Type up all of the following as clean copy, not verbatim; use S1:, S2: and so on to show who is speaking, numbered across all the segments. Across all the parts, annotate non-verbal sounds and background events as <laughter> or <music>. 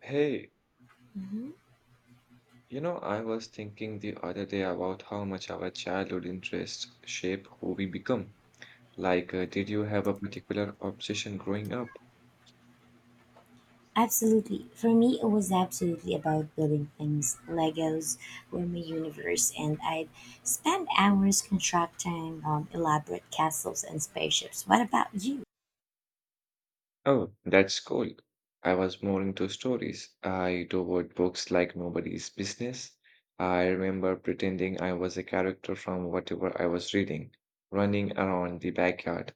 S1: Hey,
S2: Mhm.
S1: I was thinking the other day about how much our childhood interests shape who we become. Like, did you have a particular obsession growing up?
S2: Absolutely. For me, it was absolutely about building things. Legos were my universe, and I'd spend hours constructing elaborate castles and spaceships. What about you?
S1: Oh, that's cool. I was more into stories. I devoured books like nobody's business. I remember pretending I was a character from whatever I was reading, running around the backyard.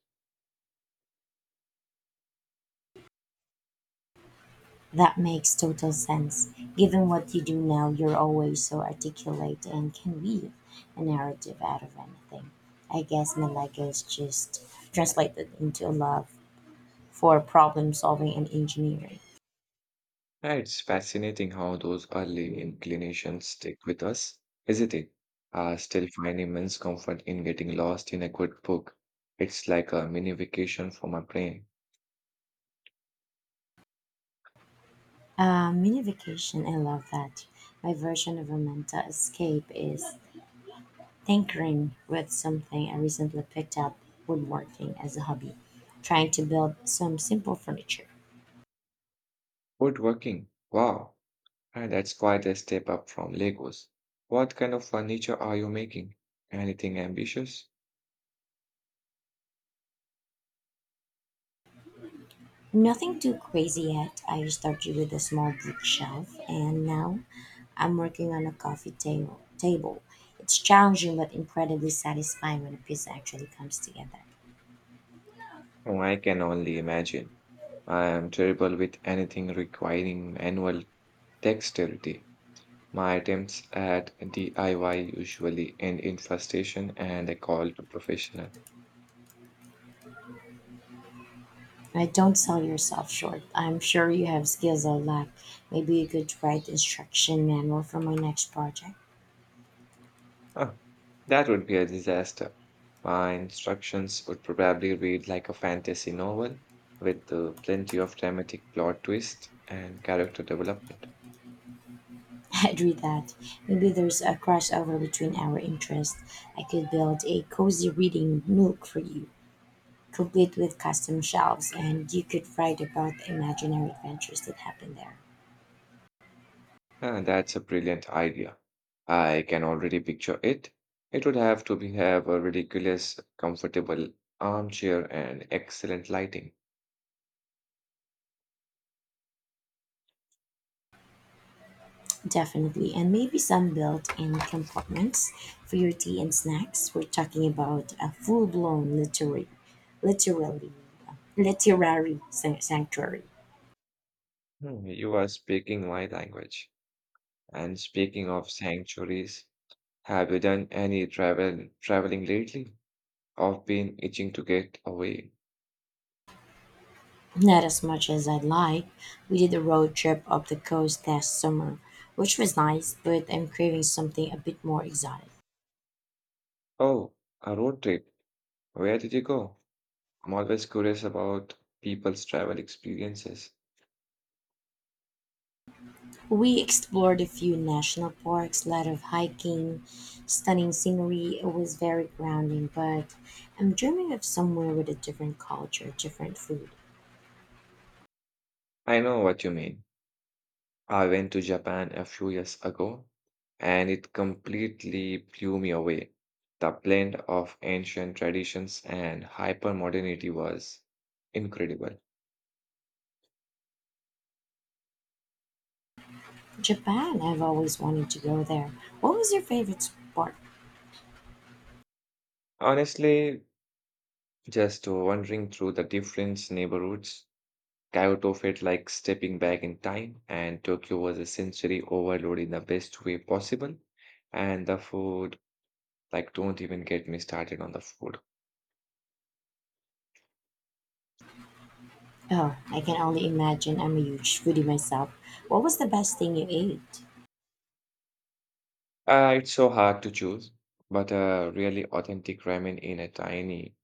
S2: That makes total sense. Given what you do now, you're always so articulate and can weave a narrative out of anything. I guess my Legos just translated into a love for problem solving and engineering.
S1: Yeah, it's fascinating how those early inclinations stick with us, isn't it? I still find immense comfort in getting lost in a good book. It's like a mini vacation for my brain.
S2: Mini vacation, I love that. My version of a mental escape is tinkering with something I recently picked up woodworking as a hobby, trying to build some simple furniture.
S1: Woodworking. Wow. And that's quite a step up from Legos. What kind of furniture are you making? Anything ambitious?
S2: Nothing too crazy yet. I started with a small bookshelf and now I'm working on a coffee table. It's challenging but incredibly satisfying when a piece actually comes together.
S1: Oh, I can only imagine. I am terrible with anything requiring manual dexterity. My attempts at DIY usually end in frustration and a call to professional.
S2: I don't sell yourself short. I'm sure you have skills I'll lack. Maybe you could write instruction manual for my next project.
S1: Huh, that would be a disaster. My instructions would probably read like a fantasy novel with plenty of dramatic plot twist and character development.
S2: <laughs> I'd read that. Maybe there's a crossover between our interests. I could build a cozy reading nook for you, complete with custom shelves, and you could write about the imaginary adventures that happen there.
S1: Ah, that's a brilliant idea. I can already picture it. It would have to be have a ridiculous, comfortable armchair and excellent lighting.
S2: Definitely, and maybe some built-in compartments for your tea and snacks. We're talking about a full-blown literary, literally, literary sanctuary.
S1: Hmm, you are speaking my language. And speaking of sanctuaries, have you done any traveling lately? I've been itching to get away.
S2: Not as much as I'd like. We did a road trip up the coast last summer, which was nice, but I'm craving something a bit more exotic.
S1: Oh, a road trip. Where did you go? I'm always curious about people's travel experiences.
S2: We explored a few national parks, a lot of hiking, stunning scenery. It was very grounding, but I'm dreaming of somewhere with a different culture, different food.
S1: I know what you mean. I went to Japan a few years ago, and it completely blew me away. The blend of ancient traditions and hypermodernity was incredible.
S2: Japan, I've always wanted to go there. What was your favorite sport?
S1: Honestly, just wandering through the different neighborhoods, Kyoto felt like stepping back in time, and Tokyo was a sensory overload in the best way possible. And the food, like, don't even get me started on the food.
S2: Oh, I can only imagine. I'm a huge foodie myself. What was the best thing you ate?
S1: It's so hard to choose, but a really authentic ramen in a tiny,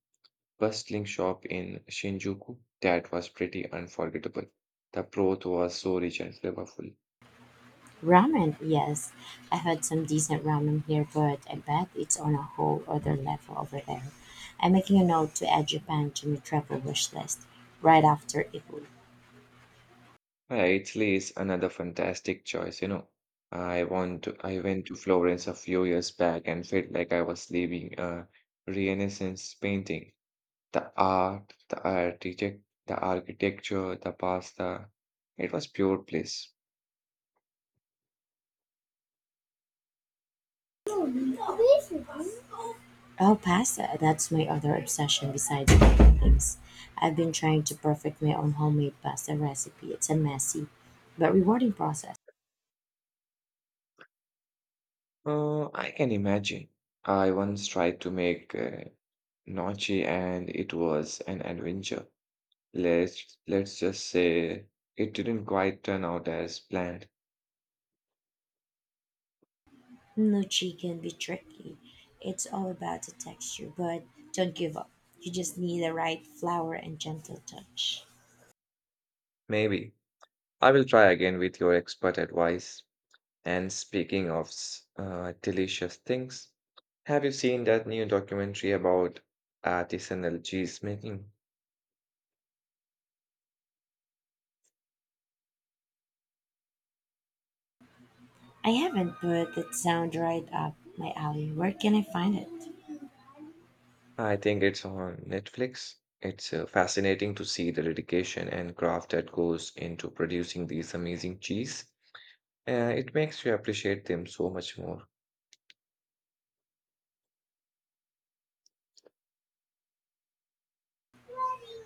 S1: bustling shop in Shinjuku, that was pretty unforgettable. The broth was so rich and flavorful.
S2: Ramen, yes. I had some decent ramen here, but I bet it's on a whole other level over there. I'm making a note to add Japan to my travel wish list right after Italy.
S1: Yeah, Italy is another fantastic choice, you know. I went to Florence a few years back and felt like I was leaving a Renaissance painting. The art, the architecture, the pasta. It was pure bliss.
S2: Oh, pasta. That's my other obsession besides baking things. I've been trying to perfect my own homemade pasta recipe. It's a messy but rewarding process.
S1: I can imagine. I once tried to make gnocchi and it was an adventure. Let's just say it didn't quite turn out as planned.
S2: Nucci can be tricky. It's all about the texture, but don't give up. You just need the right flour and gentle touch.
S1: Maybe. I will try again with your expert advice. And speaking of delicious things, have you seen that new documentary about artisanal cheese making?
S2: I haven't, but it sounds right up my alley. Where can I find it?
S1: I think it's on Netflix. It's fascinating to see the dedication and craft that goes into producing these amazing cheese. It makes you appreciate them so much more.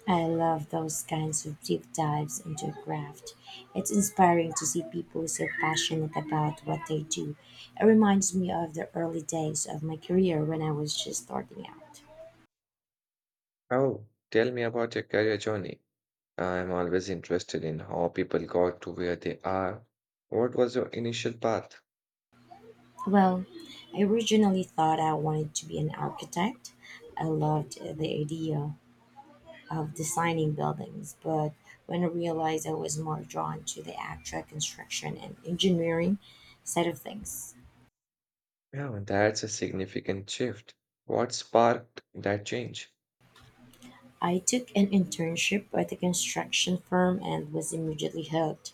S2: I love those kinds of deep dives into a craft. It's inspiring to see people so passionate about what they do. It reminds me of the early days of my career when I was just starting out.
S1: Oh, tell me about your career journey. I'm always interested in how people got to where they are. What was your initial path?
S2: Well, I originally thought I wanted to be an architect. I loved the idea of designing buildings, but when I realized I was more drawn to the actual construction and engineering side of things.
S1: Yeah, that's a significant shift. What sparked that change?
S2: I took an internship at a construction firm and was immediately hooked.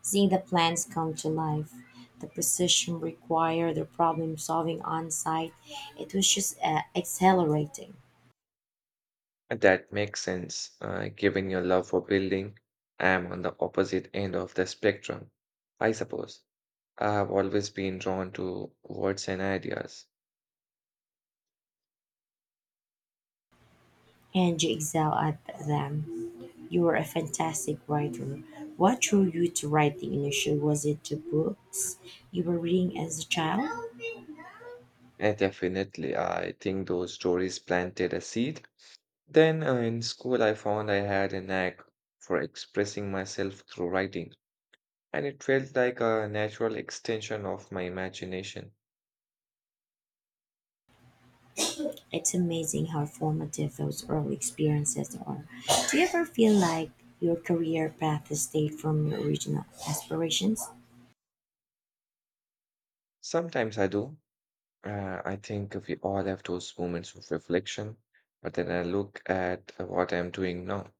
S2: Seeing the plans come to life, the precision required, the problem solving on site, it was just accelerating.
S1: That makes sense, given your love for building. I'm on the opposite end of the spectrum, I suppose. I've always been drawn to words and ideas.
S2: And you excel at them. You were a fantastic writer. What drew you to writing initially? Was it the books you were reading as a child?
S1: And definitely, I think those stories planted a seed. Then in school, I found I had a knack for expressing myself through writing, and it felt like a natural extension of my imagination.
S2: It's amazing how formative those early experiences are. Do you ever feel like your career path has stayed from your original aspirations?
S1: Sometimes I do. I think we all have those moments of reflection, but then I look at what I'm doing now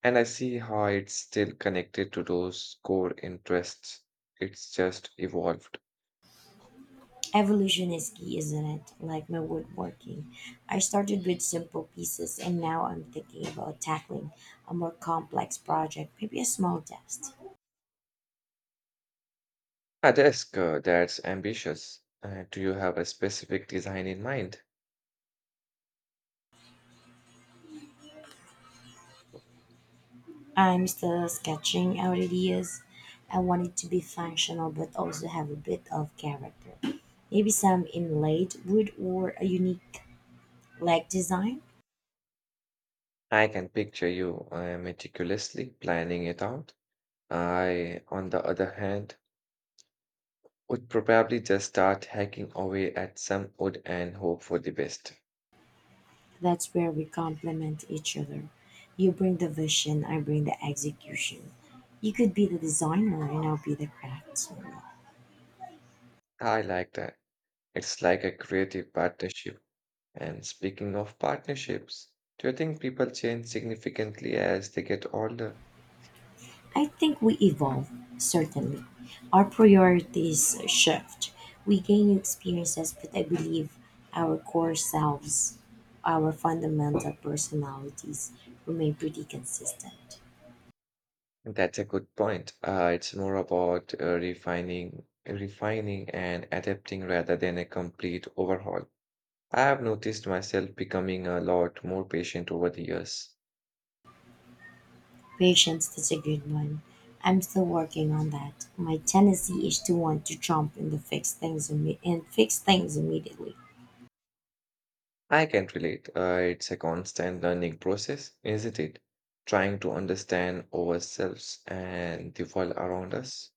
S1: and I see how it's still connected to those core interests. It's just evolved.
S2: Evolution is key, isn't it? Like my woodworking. I started with simple pieces and now I'm thinking about tackling a more complex project, maybe a small test.
S1: A desk that's ambitious. Do you have a specific design in mind?
S2: I'm still sketching out ideas. I want it to be functional but also have a bit of character. Maybe some inlaid wood or a unique leg design.
S1: I can picture you meticulously planning it out. I, on the other hand, would probably just start hacking away at some wood and hope for the best.
S2: That's where we complement each other. You bring the vision, I bring the execution. You could be the designer and I'll be the craftsman.
S1: I like that. It's like a creative partnership. And speaking of partnerships, do you think people change significantly as they get older?
S2: I think we evolve, certainly. Our priorities shift. We gain new experiences, but I believe our core selves, our fundamental personalities, remain pretty consistent.
S1: That's a good point. It's more about refining and adapting rather than a complete overhaul. I have noticed myself becoming a lot more patient over the years.
S2: Patience is a good one. I'm still working on that. My tendency is to want to jump in to fix things and fix things immediately.
S1: I can relate. It's a constant learning process, isn't it? Trying to understand ourselves and the world around us.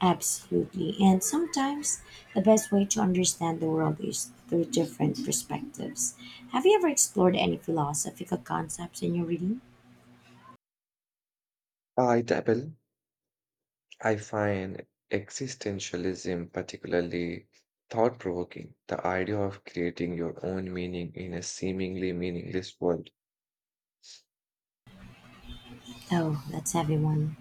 S2: Absolutely. And sometimes the best way to understand the world is through different perspectives. Have you ever explored any philosophical concepts in your reading?
S1: I dabble, I find existentialism particularly thought provoking. The idea of creating your own meaning in a seemingly meaningless world.
S2: Oh, that's heavy one.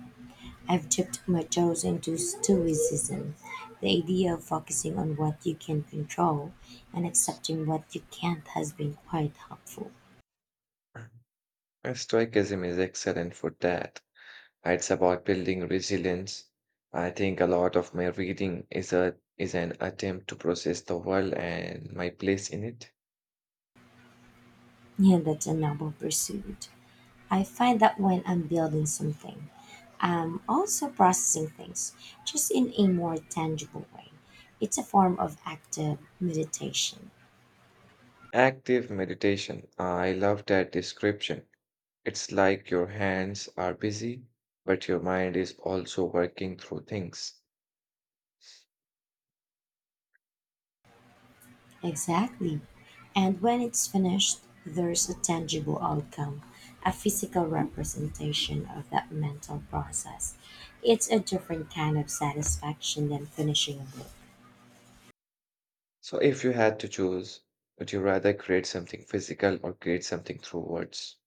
S2: I've dipped my toes into Stoicism, the idea of focusing on what you can control and accepting what you can't has been quite helpful.
S1: And Stoicism is excellent for that. It's about building resilience. I think a lot of my reading is an attempt to process the world and my place in it.
S2: Yeah, that's a noble pursuit. I find that when I'm building something, I'm also processing things, just in a more tangible way. It's a form of active meditation.
S1: Active meditation. I love that description. It's like your hands are busy, but your mind is also working through things.
S2: Exactly. And when it's finished, there's a tangible outcome, a physical representation of that mental process. It's a different kind of satisfaction than finishing a book.
S1: So, if you had to choose, would you rather create something physical or create something through words?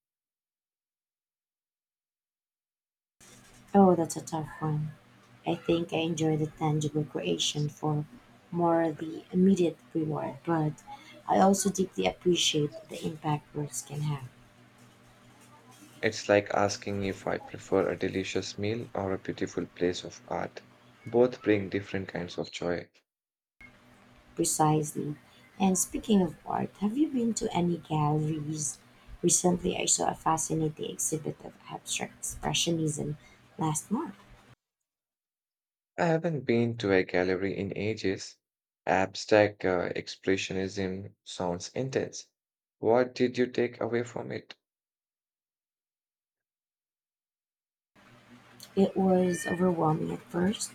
S2: Oh, that's a tough one. I think I enjoy the tangible creation for more the immediate reward, but I also deeply appreciate the impact works can have.
S1: It's like asking if I prefer a delicious meal or a beautiful place of art. Both bring different kinds of joy.
S2: Precisely. And speaking of art, have you been to any galleries? Recently, I saw a fascinating exhibit of abstract expressionism last month.
S1: I haven't been to a gallery in ages. Abstract expressionism sounds intense. What did you take away from it?
S2: It was overwhelming at first,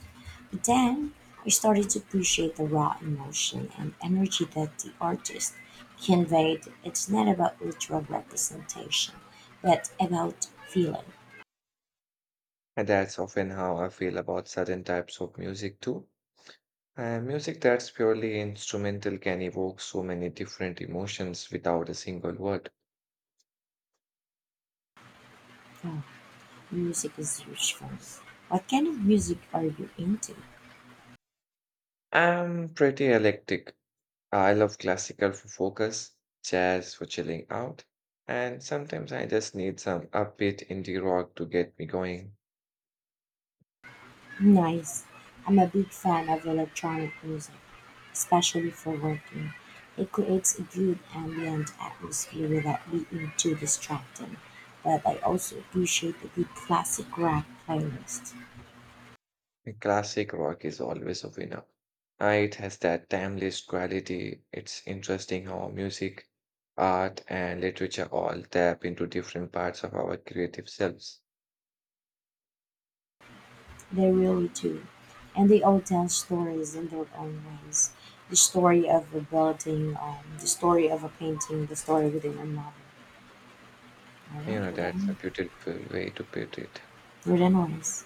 S2: but then I started to appreciate the raw emotion and energy that the artist conveyed. It's not about literal representation, but about feeling.
S1: And that's often how I feel about certain types of music too. Music that's purely instrumental can evoke so many different emotions without a single word.
S2: Oh, music is huge for me. What kind of music are you into?
S1: I'm pretty eclectic. I love classical for focus, jazz for chilling out, and sometimes I just need some upbeat indie rock to get me going.
S2: Nice. I'm a big fan of electronic music, especially for working. It creates a good ambient atmosphere without being too distracting. But I also appreciate a good classic rock playlist.
S1: Classic rock is always a winner. It has that timeless quality. It's interesting how music, art, and literature all tap into different parts of our creative selves.
S2: They really do. And they all tell stories in their own ways. The story of a building, the story of a painting, the story within a novel. All
S1: You
S2: right,
S1: know,
S2: we're
S1: that's a
S2: done.
S1: beautiful way to put it.
S2: We're done on this.